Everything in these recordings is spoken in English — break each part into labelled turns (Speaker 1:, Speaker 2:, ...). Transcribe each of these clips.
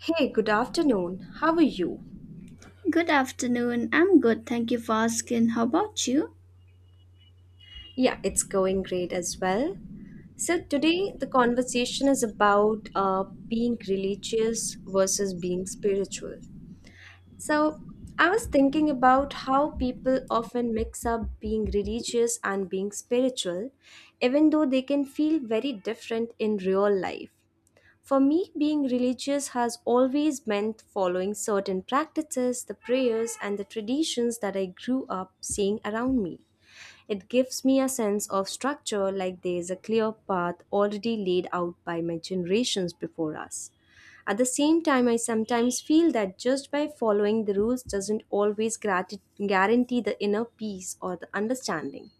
Speaker 1: Hey, good afternoon. How are you?
Speaker 2: Good afternoon. I'm good. Thank you for asking. How about you?
Speaker 1: Yeah, it's going great as well. So, today the conversation is about being religious versus being spiritual. So, I was thinking about how people often mix up being religious and being spiritual, even though they can feel very different in real life. For me, being religious has always meant following certain practices, the prayers, and the traditions that I grew up seeing around me. It gives me a sense of structure like there is a clear path already laid out by my generations before us. At the same time, I sometimes feel that just by following the rules doesn't always guarantee the inner peace or the understanding.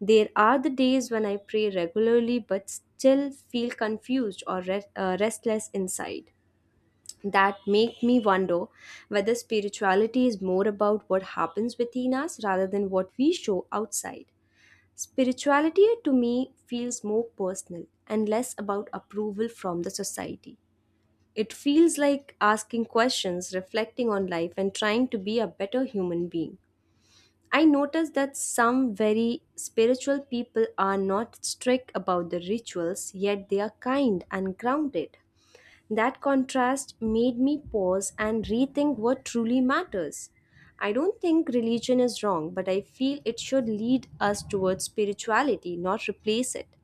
Speaker 1: There are the days when I pray regularly but still feel confused or restless inside that make me wonder whether spirituality is more about what happens within us rather than what we show outside. Spirituality to me feels more personal and less about approval from the society. It feels like asking questions, reflecting on life, and trying to be a better human being. I notice that some very spiritual people are not strict about the rituals, yet they are kind and grounded. That contrast made me pause and rethink what truly matters. I don't think religion is wrong, but I feel it should lead us towards spirituality, not replace it.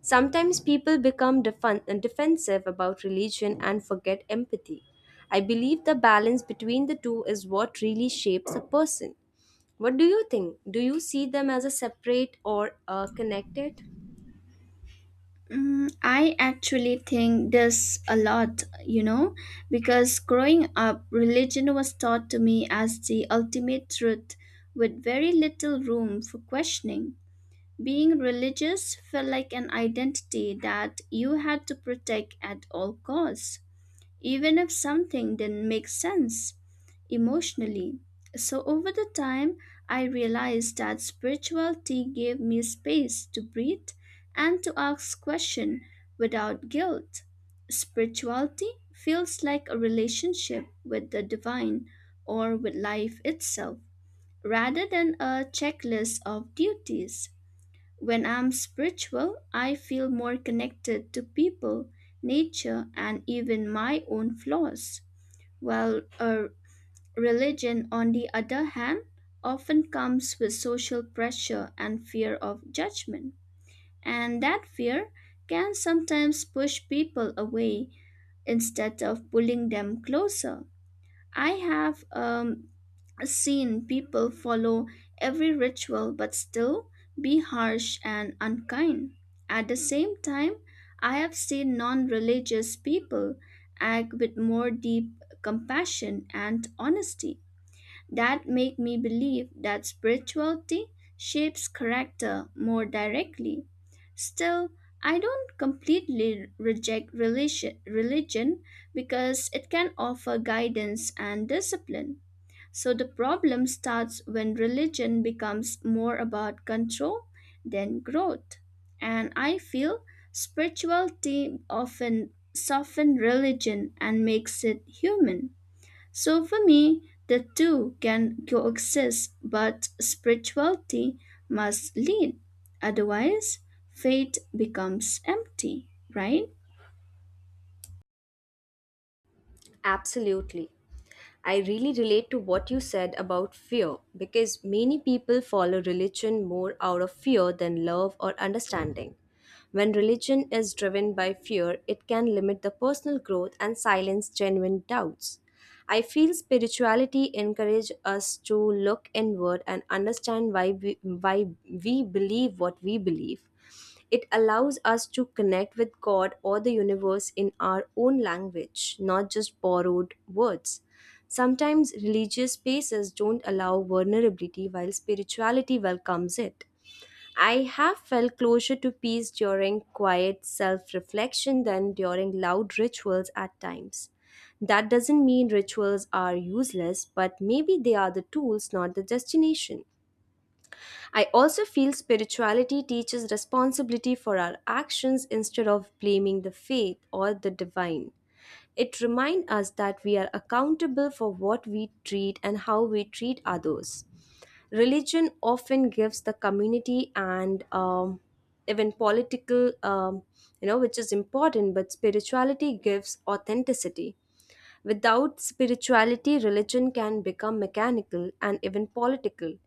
Speaker 1: Sometimes people become defensive about religion and forget empathy. I believe the balance between the two is what really shapes a person. What do you think? Do you see them as a separate or connected?
Speaker 2: Mm, I actually think this a lot, you know, because growing up, religion was taught to me as the ultimate truth with very little room for questioning. Being religious felt like an identity that you had to protect at all costs, even if something didn't make sense emotionally. So, over the time, I realized that spirituality gave me space to breathe and to ask questions without guilt. Spirituality feels like a relationship with the divine or with life itself, rather than a checklist of duties. When I'm spiritual, I feel more connected to people, nature, and even my own flaws. While a religion, on the other hand, often comes with social pressure and fear of judgment. And that fear can sometimes push people away instead of pulling them closer. I have seen people follow every ritual but still be harsh and unkind. At the same time, I have seen non religious people act with more deep compassion and honesty that make me believe that spirituality shapes character more directly. Still, I don't completely reject religion because it can offer guidance and discipline. So the problem starts when religion becomes more about control than growth. And I feel spirituality often softens religion and makes it human. So for me, the two can coexist, but spirituality must lead. Otherwise, faith becomes empty, right?
Speaker 1: Absolutely. I really relate to what you said about fear because many people follow religion more out of fear than love or understanding. When religion is driven by fear, it can limit the personal growth and silence genuine doubts. I feel spirituality encourages us to look inward and understand why we believe what we believe. It allows us to connect with God or the universe in our own language, not just borrowed words. Sometimes religious spaces don't allow vulnerability while spirituality welcomes it. I have felt closer to peace during quiet self reflection than during loud rituals at times. That doesn't mean rituals are useless, but maybe they are the tools, not the destination. I also feel spirituality teaches responsibility for our actions instead of blaming the faith or the divine. It reminds us that we are accountable for what we treat and how we treat others. Religion often gives the community and even political, which is important, but spirituality gives authenticity. Without spirituality, religion can become mechanical and even political.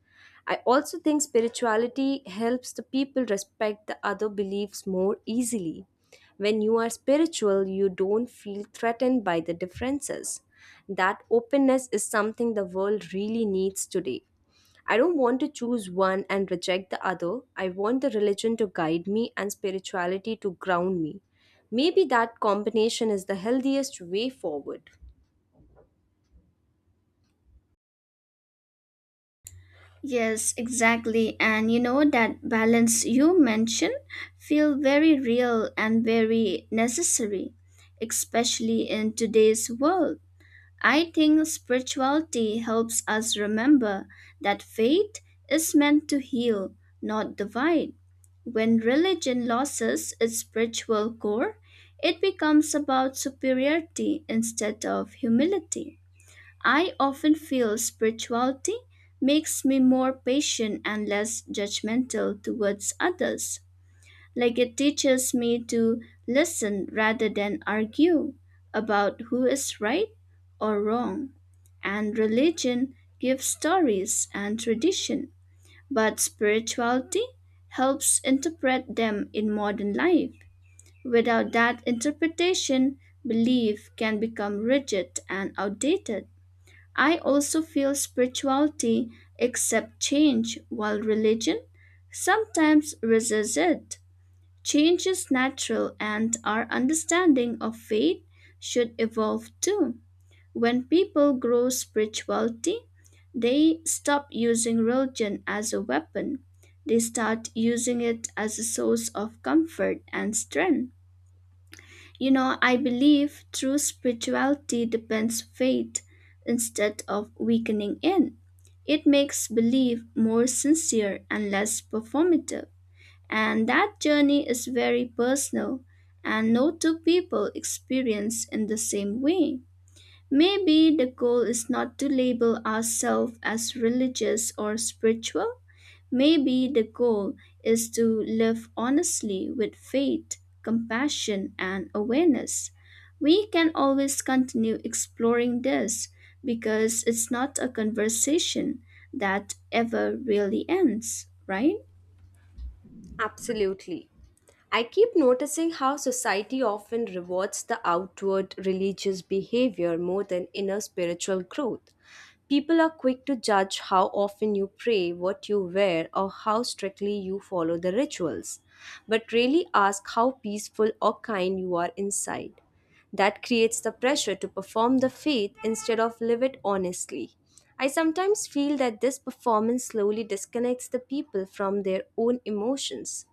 Speaker 1: I also think spirituality helps the people respect the other beliefs more easily. When you are spiritual, you don't feel threatened by the differences. That openness is something the world really needs today. I don't want to choose one and reject the other. I want the religion to guide me and spirituality to ground me. Maybe that combination is the healthiest way forward.
Speaker 2: Yes, exactly. And you know that balance you mentioned feel very real and very necessary, especially in today's world. I think spirituality helps us remember that faith is meant to heal, not divide. When religion loses its spiritual core, it becomes about superiority instead of humility. I often feel spirituality makes me more patient and less judgmental towards others. Like it teaches me to listen rather than argue about who is right or wrong. And religion gives stories and tradition, but spirituality helps interpret them in modern life. Without that interpretation, belief can become rigid and outdated. I also feel spirituality accepts change while religion sometimes resists it. Change is natural, and our understanding of faith should evolve too. When people grow spirituality, they stop using religion as a weapon. They start using it as a source of comfort and strength. You know, I believe true spirituality depends faith instead of weakening it. It makes belief more sincere and less performative. And that journey is very personal, and no two people experience in the same way. Maybe the goal is not to label ourselves as religious or spiritual. Maybe the goal is to live honestly with faith, compassion, and awareness. We can always continue exploring this because it's not a conversation that ever really ends, right?
Speaker 1: Absolutely. I keep noticing how society often rewards the outward religious behavior more than inner spiritual growth. People are quick to judge how often you pray, what you wear, or how strictly you follow the rituals, but really ask how peaceful or kind you are inside. That creates the pressure to perform the faith instead of live it honestly. I sometimes feel that this performance slowly disconnects the people from their own emotions.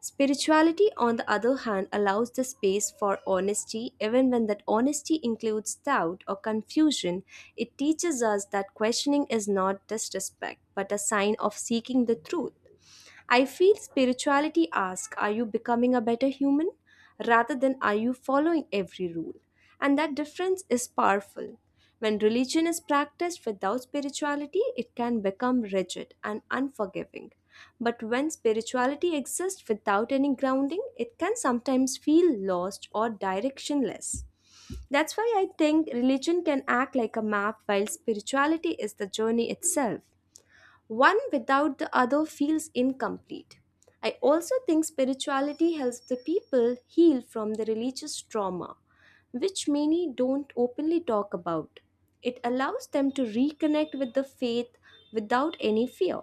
Speaker 1: Spirituality, on the other hand, allows the space for honesty, even when that honesty includes doubt or confusion. It teaches us that questioning is not disrespect, but a sign of seeking the truth. I feel spirituality asks, are you becoming a better human, rather than are you following every rule? And that difference is powerful. When religion is practiced without spirituality, it can become rigid and unforgiving. But when spirituality exists without any grounding, it can sometimes feel lost or directionless. That's why I think religion can act like a map while spirituality is the journey itself. One without the other feels incomplete. I also think spirituality helps the people heal from the religious trauma, which many don't openly talk about. It allows them to reconnect with the faith without any fear.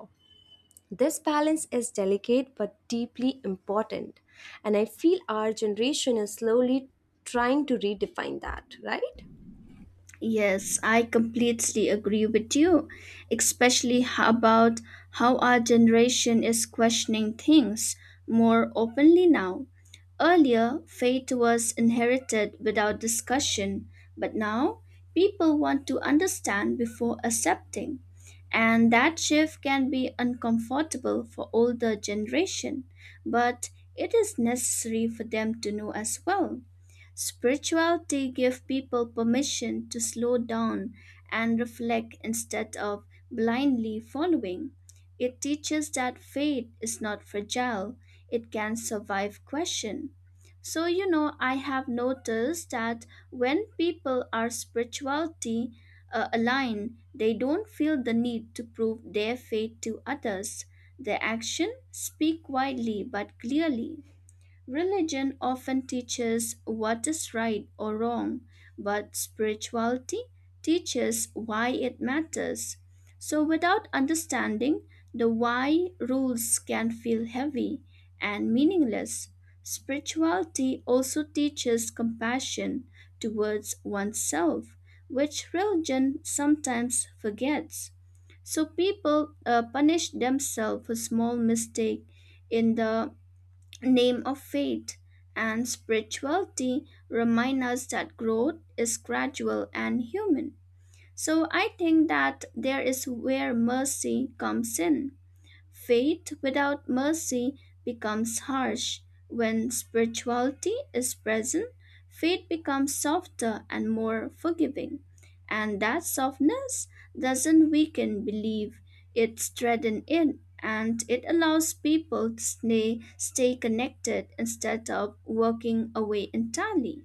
Speaker 1: This balance is delicate but deeply important, and I feel our generation is slowly trying to redefine that, right?
Speaker 2: Yes, I completely agree with you, especially about how our generation is questioning things more openly now. Earlier, faith was inherited without discussion, but now people want to understand before accepting. And that shift can be uncomfortable for older generation, but it is necessary for them to know as well. Spirituality gives people permission to slow down and reflect instead of blindly following. It teaches that faith is not fragile, it can survive question. So, you know, I have noticed that when people are spirituality aligned, they don't feel the need to prove their faith to others. Their actions speak widely but clearly. Religion often teaches what is right or wrong, but spirituality teaches why it matters. So, without understanding, the why rules can feel heavy and meaningless. Spirituality also teaches compassion towards oneself, which religion sometimes forgets. So people punish themselves for small mistake in the name of faith and spirituality remind us that growth is gradual and human. So I think that there is where mercy comes in. Faith without mercy becomes harsh. When spirituality is present, faith becomes softer and more forgiving. And that softness doesn't weaken belief, it strengthens it and it allows people to stay connected instead of walking away entirely.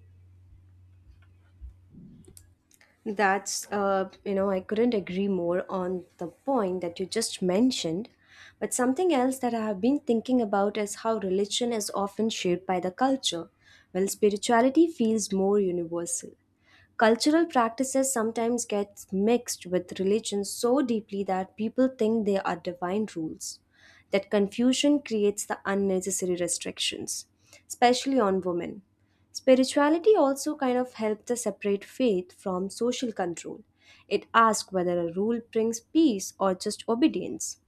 Speaker 1: I couldn't agree more on the point that you just mentioned. But something else that I have been thinking about is how religion is often shaped by the culture, while spirituality feels more universal. Cultural practices sometimes get mixed with religion so deeply that people think they are divine rules. That confusion creates the unnecessary restrictions, especially on women. Spirituality also kind of helped us separate faith from social control. It asks whether a rule brings peace or just obedience.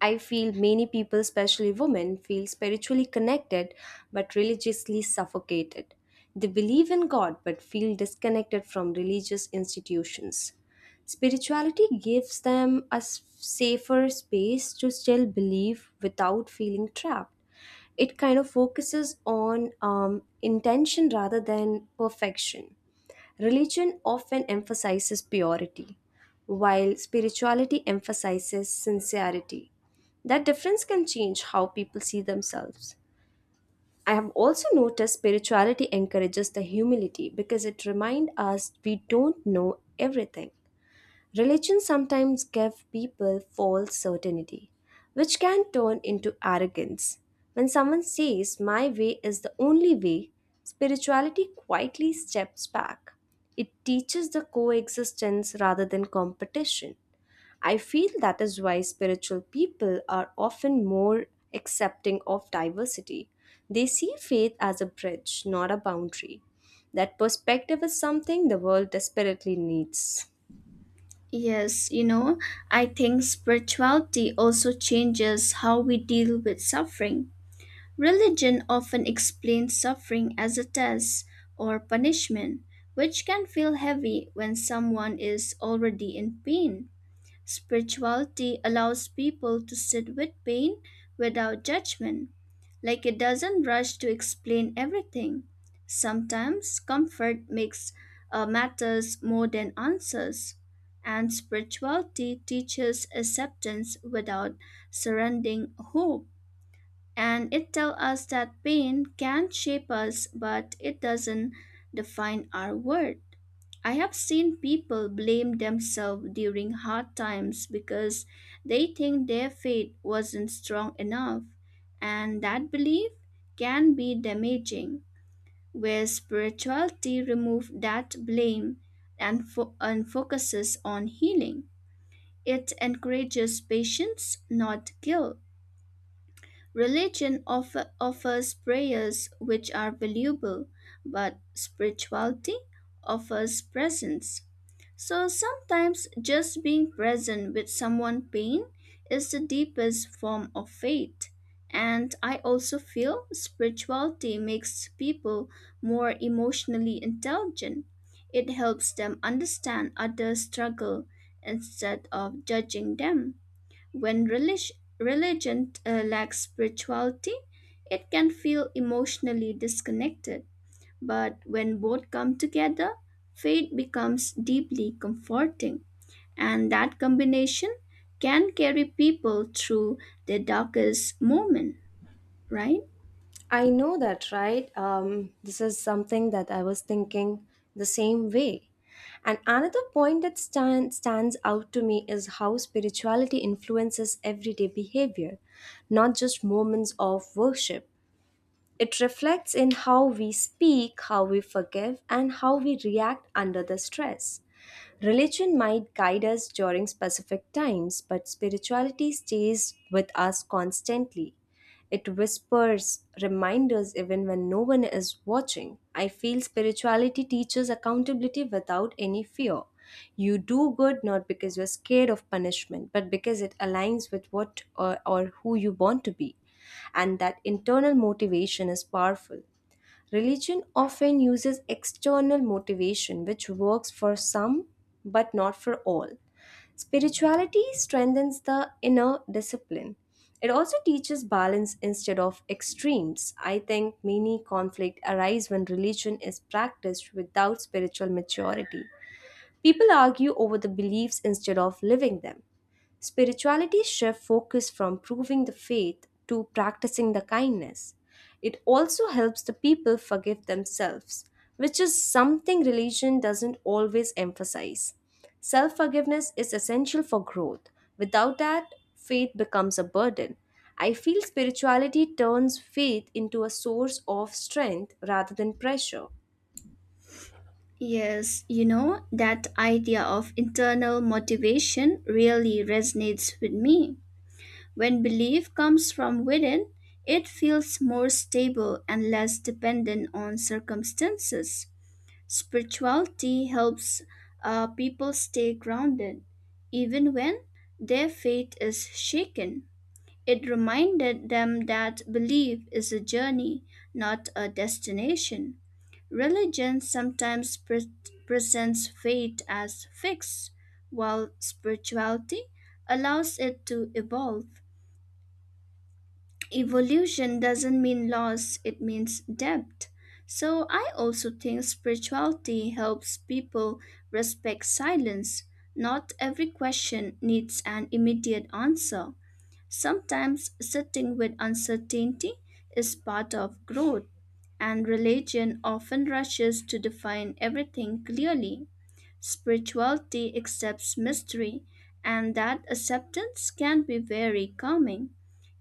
Speaker 1: I feel many people, especially women, feel spiritually connected but religiously suffocated. They believe in God but feel disconnected from religious institutions. Spirituality gives them a safer space to still believe without feeling trapped. It kind of focuses on intention rather than perfection. Religion often emphasizes purity, while spirituality emphasizes sincerity. That difference can change how people see themselves. I have also noticed spirituality encourages the humility because it reminds us we don't know everything. Religion sometimes gives people false certainty, which can turn into arrogance. When someone says, my way is the only way, spirituality quietly steps back. It teaches the coexistence rather than competition. I feel that is why spiritual people are often more accepting of diversity. They see faith as a bridge, not a boundary. That perspective is something the world desperately needs.
Speaker 2: Yes, you know, I think spirituality also changes how we deal with suffering. Religion often explains suffering as a test or punishment, which can feel heavy when someone is already in pain. Spirituality allows people to sit with pain without judgment, like it doesn't rush to explain everything. Sometimes comfort makes matters more than answers, and spirituality teaches acceptance without surrendering hope and it tells us that pain can shape us, but it doesn't define our worth. I have seen people blame themselves during hard times because they think their faith wasn't strong enough, and that belief can be damaging. Where spirituality removes that blame and focuses on healing, it encourages patience, not guilt. Religion offers prayers which are valuable, but spirituality offers presence. So sometimes just being present with someone pain is the deepest form of faith. And I also feel spirituality makes people more emotionally intelligent. It helps them understand others' struggle instead of judging them. When religion lacks spirituality, it can feel emotionally disconnected. But when both come together, faith becomes deeply comforting. And that combination can carry people through their darkest moment, right?
Speaker 1: I know that, right? This is something that I was thinking the same way. And another point that stands out to me is how spirituality influences everyday behavior, not just moments of worship. It reflects in how we speak, how we forgive, and how we react under the stress. Religion might guide us during specific times, but spirituality stays with us constantly. It whispers reminders even when no one is watching. I feel spirituality teaches accountability without any fear. You do good not because you're scared of punishment, but because it aligns with or who you want to be, and that internal motivation is powerful. Religion often uses external motivation, which works for some but not for all. Spirituality strengthens the inner discipline. It also teaches balance instead of extremes. I think many conflicts arise when religion is practiced without spiritual maturity. People argue over the beliefs instead of living them. Spirituality shifts focus from proving the faith to practicing the kindness. It also helps the people forgive themselves, which is something religion doesn't always emphasize. Self forgiveness is essential for growth. Without that, faith becomes a burden. I feel spirituality turns faith into a source of strength rather than pressure.
Speaker 2: Yes, you know, that idea of internal motivation really resonates with me. When belief comes from within, it feels more stable and less dependent on circumstances. Spirituality helps people stay grounded, even when their faith is shaken. It reminded them that belief is a journey, not a destination. Religion sometimes presents faith as fixed, while spirituality allows it to evolve. Evolution doesn't mean loss, it means depth. So I also think spirituality helps people respect silence. Not every question needs an immediate answer. Sometimes sitting with uncertainty is part of growth, and religion often rushes to define everything clearly. Spirituality accepts mystery, and that acceptance can be very calming.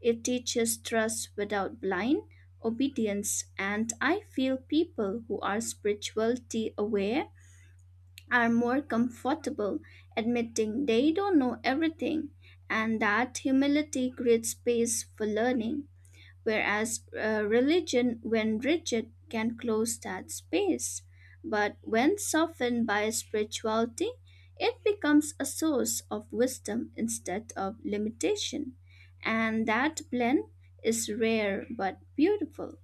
Speaker 2: It teaches trust without blind obedience, and I feel people who are spirituality aware are more comfortable admitting they don't know everything, and that humility creates space for learning whereas religion, when rigid, can close that space. But when softened by spirituality, it becomes a source of wisdom instead of limitation. And that blend is rare but beautiful.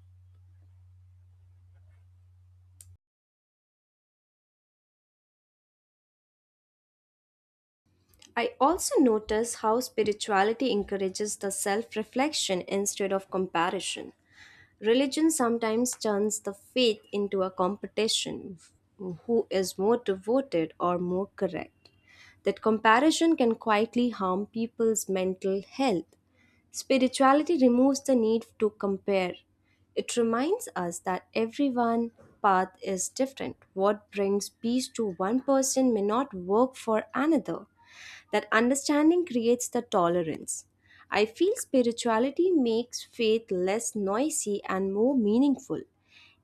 Speaker 1: I also notice how spirituality encourages the self reflection instead of comparison. Religion sometimes turns the faith into a competition, who is more devoted or more correct. That comparison can quietly harm people's mental health. Spirituality removes the need to compare. It reminds us that everyone's path is different. What brings peace to one person may not work for another. That understanding creates the tolerance. I feel spirituality makes faith less noisy and more meaningful.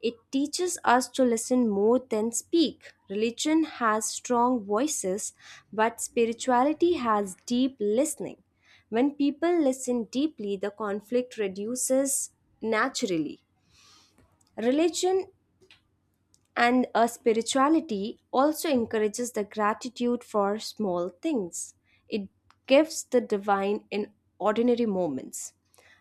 Speaker 1: It teaches us to listen more than speak. Religion has strong voices, but spirituality has deep listening. When people listen deeply, the conflict reduces naturally. Religion and a spirituality also encourages the gratitude for small things. It gives the divine in ordinary moments.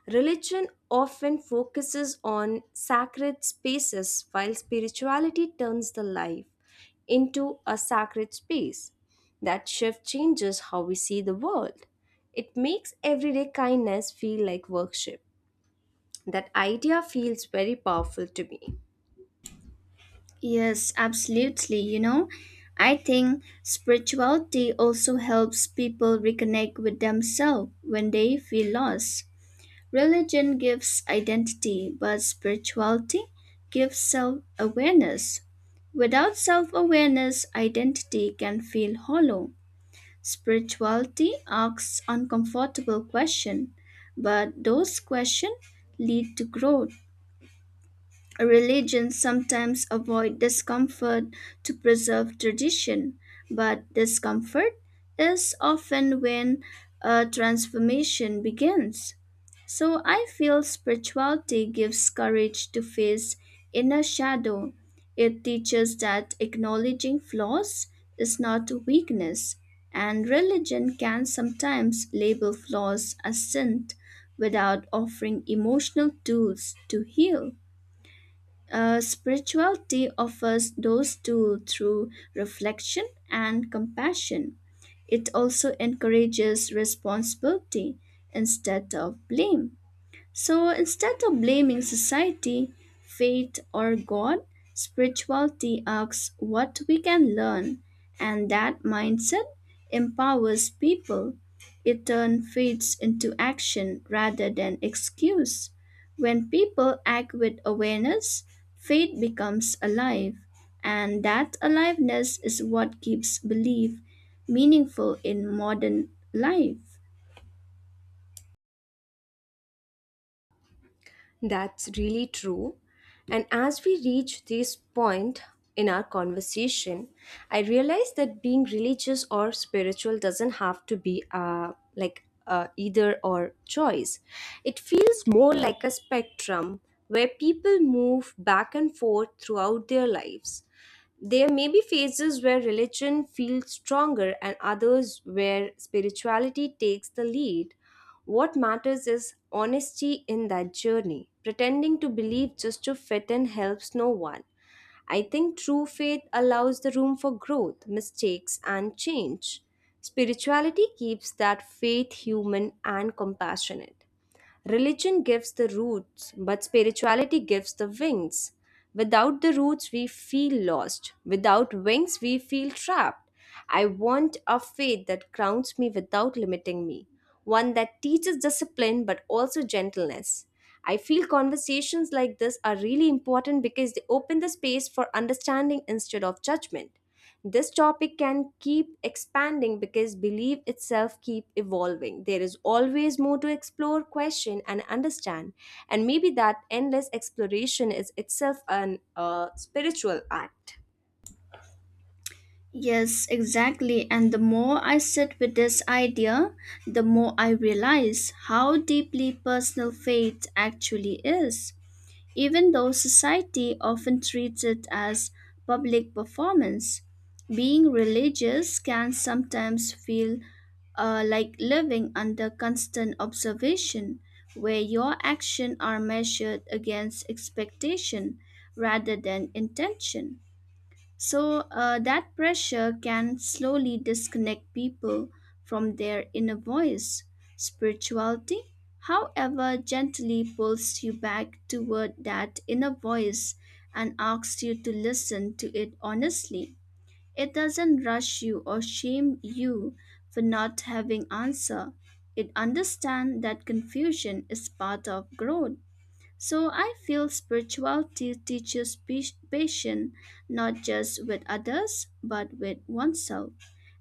Speaker 1: Religion often focuses on sacred spaces, while spirituality turns the life into a sacred space. That shift changes how we see the world. It makes everyday kindness feel like worship. That idea feels very powerful to me.
Speaker 2: Yes, absolutely. You know, I think spirituality also helps people reconnect with themselves when they feel lost. Religion gives identity, but spirituality gives self awareness. Without self awareness, identity can feel hollow. Spirituality asks uncomfortable questions, but those questions lead to growth. Religions sometimes avoid discomfort to preserve tradition, but discomfort is often when a transformation begins. So I feel spirituality gives courage to face inner shadow. It teaches that acknowledging flaws is not weakness, and religion can sometimes label flaws as sin without offering emotional tools to heal. Spirituality offers those two through reflection and compassion. It also encourages responsibility instead of blame. So instead of blaming society, fate, or God, spirituality asks what we can learn, and that mindset empowers people. It turns faith into action rather than excuse. When people act with awareness, faith becomes alive, and that aliveness is what keeps belief meaningful in modern life.
Speaker 1: That's really true. And as we reach this point in our conversation, I realize that being religious or spiritual doesn't have to be like either or choice. It feels more like a spectrum where people move back and forth throughout their lives. There may be phases where religion feels stronger and others where spirituality takes the lead. What matters is honesty in that journey. Pretending to believe just to fit in helps no one. I think true faith allows the room for growth, mistakes, and change. Spirituality keeps that faith human and compassionate. Religion gives the roots, but spirituality gives the wings. Without the roots, we feel lost. Without wings, we feel trapped. I want a faith that grounds me without limiting me, one that teaches discipline but also gentleness. I feel conversations like this are really important because they open the space for understanding instead of judgment. This topic can keep expanding because belief itself keep evolving. There is always more to explore, question and understand. And maybe that endless exploration is itself an spiritual act.
Speaker 2: Yes, exactly. And the more I sit with this idea, the more I realize how deeply personal faith actually is, even though society often treats it as public performance. Being religious can sometimes feel like living under constant observation, where your actions are measured against expectation rather than intention. So that pressure can slowly disconnect people from their inner voice. Spirituality, however, gently pulls you back toward that inner voice and asks you to listen to it honestly. It doesn't rush you or shame you for not having answer. It understands that confusion is part of growth. So I feel spirituality teaches patience, not just with others but with oneself.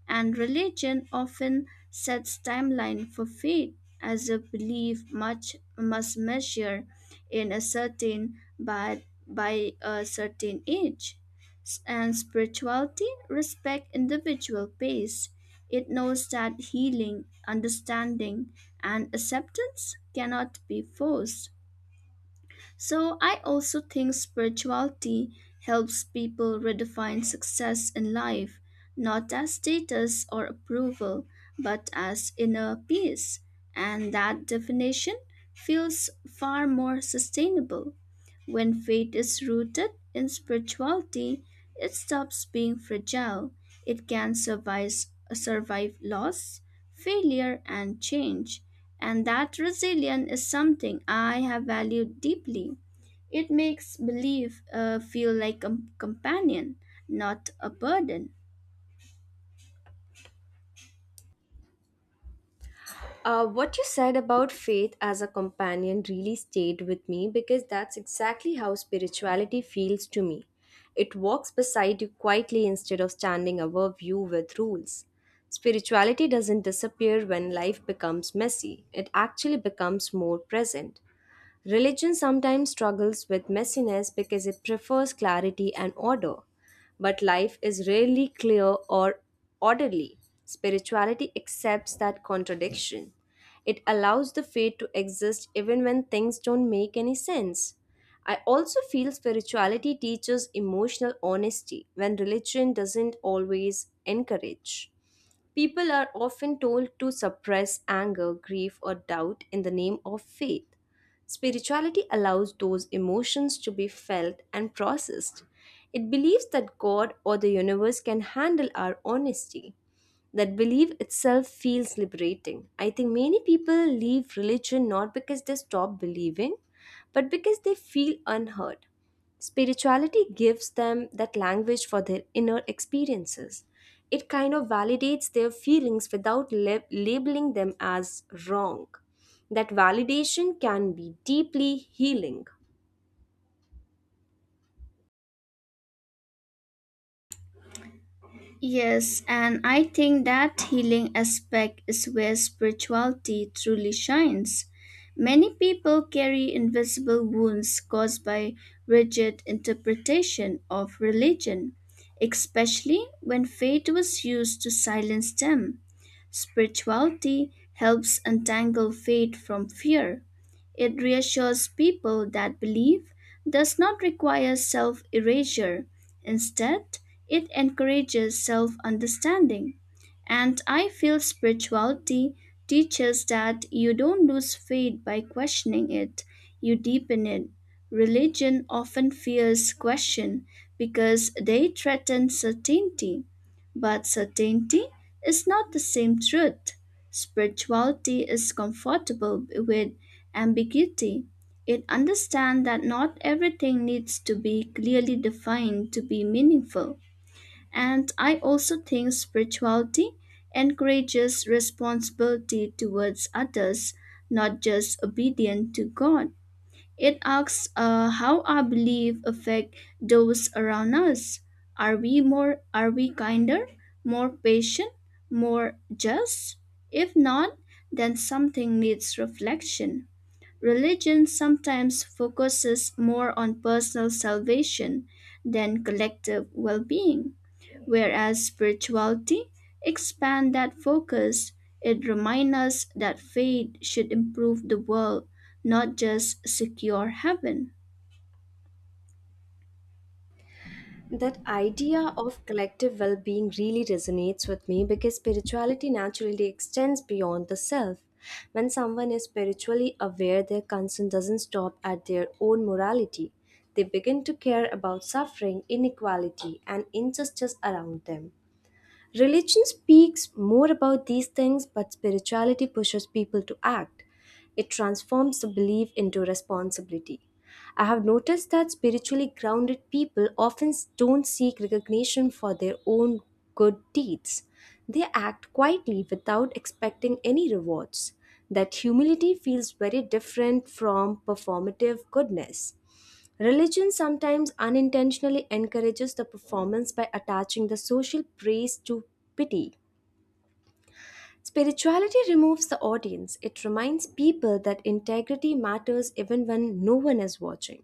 Speaker 2: And religion often sets timeline for faith as a belief much must measure in a certain but by a certain age. And spirituality respect individual pace. It knows that healing, understanding, and acceptance cannot be forced. So I also think spirituality helps people redefine success in life, not as status or approval, but as inner peace. And that definition feels far more sustainable. When faith is rooted in spirituality, it stops being fragile. It can survive loss, failure, and change. And that resilience is something I have valued deeply. It makes belief feel like a companion, not a burden.
Speaker 1: What you said about faith as a companion really stayed with me because that's exactly how spirituality feels to me. It walks beside you quietly instead of standing above you with rules. Spirituality doesn't disappear when life becomes messy, it actually becomes more present. Religion sometimes struggles with messiness because it prefers clarity and order, but life is rarely clear or orderly. Spirituality accepts that contradiction. It allows the faith to exist even when things don't make any sense. I also feel spirituality teaches emotional honesty when religion doesn't always encourage. People are often told to suppress anger, grief, or doubt in the name of faith. Spirituality allows those emotions to be felt and processed. It believes that God or the universe can handle our honesty. That belief itself feels liberating. I think many people leave religion not because they stop believing, but because they feel unheard. Spirituality gives them that language for their inner experiences. It kind of validates their feelings without labeling them as wrong. That validation can be deeply healing.
Speaker 2: Yes, and I think that healing aspect is where spirituality truly shines. Many people carry invisible wounds caused by rigid interpretation of religion, especially when faith was used to silence them. Spirituality helps untangle faith from fear. It reassures people that belief does not require self erasure. Instead, it encourages self understanding. And I feel spirituality teaches that you don't lose faith by questioning it, you deepen it. Religion often fears question because they threaten certainty. But certainty is not the same truth. Spirituality is comfortable with ambiguity, it understands that not everything needs to be clearly defined to be meaningful. And I also think spirituality encourages responsibility towards others, not just obedience to God. It asks how our belief affect those around us. Are we kinder, more patient, more just? If not, then something needs reflection. Religion sometimes focuses more on personal salvation than collective well being, whereas spirituality expands that focus. It reminds us that faith should improve the world, not just secure heaven.
Speaker 1: That idea of collective well being really resonates with me because spirituality naturally extends beyond the self. When someone is spiritually aware, their concern doesn't stop at their own morality. They begin to care about suffering, inequality, and injustice around them. Religion speaks more about these things, but spirituality pushes people to act. It transforms the belief into responsibility. I have noticed that spiritually grounded people often don't seek recognition for their own good deeds. They act quietly without expecting any rewards. That humility feels very different from performative goodness. Religion sometimes unintentionally encourages the performance by attaching the social praise to pity. Spirituality removes the audience. It reminds people that integrity matters even when no one is watching.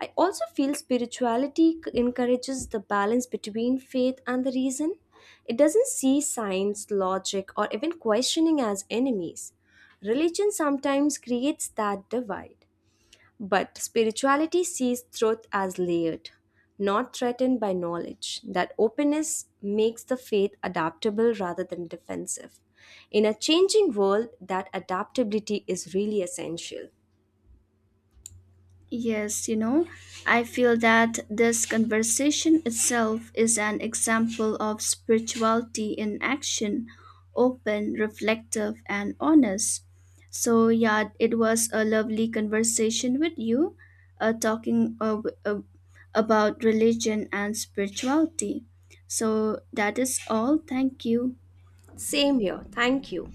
Speaker 1: I also feel spirituality encourages the balance between faith and the reason. It doesn't see science, logic, or even questioning as enemies. Religion sometimes creates that divide. But spirituality sees truth as layered, not threatened by knowledge. That openness makes the faith adaptable rather than defensive. In a changing world, that adaptability is really essential.
Speaker 2: Yes, you know, I feel that this conversation itself is an example of spirituality in action, open, reflective, and honest. So, yeah, it was a lovely conversation with you, uh, talking uh, w- uh, about religion and spirituality. So, that is all. Thank you.
Speaker 1: Same here. Thank you.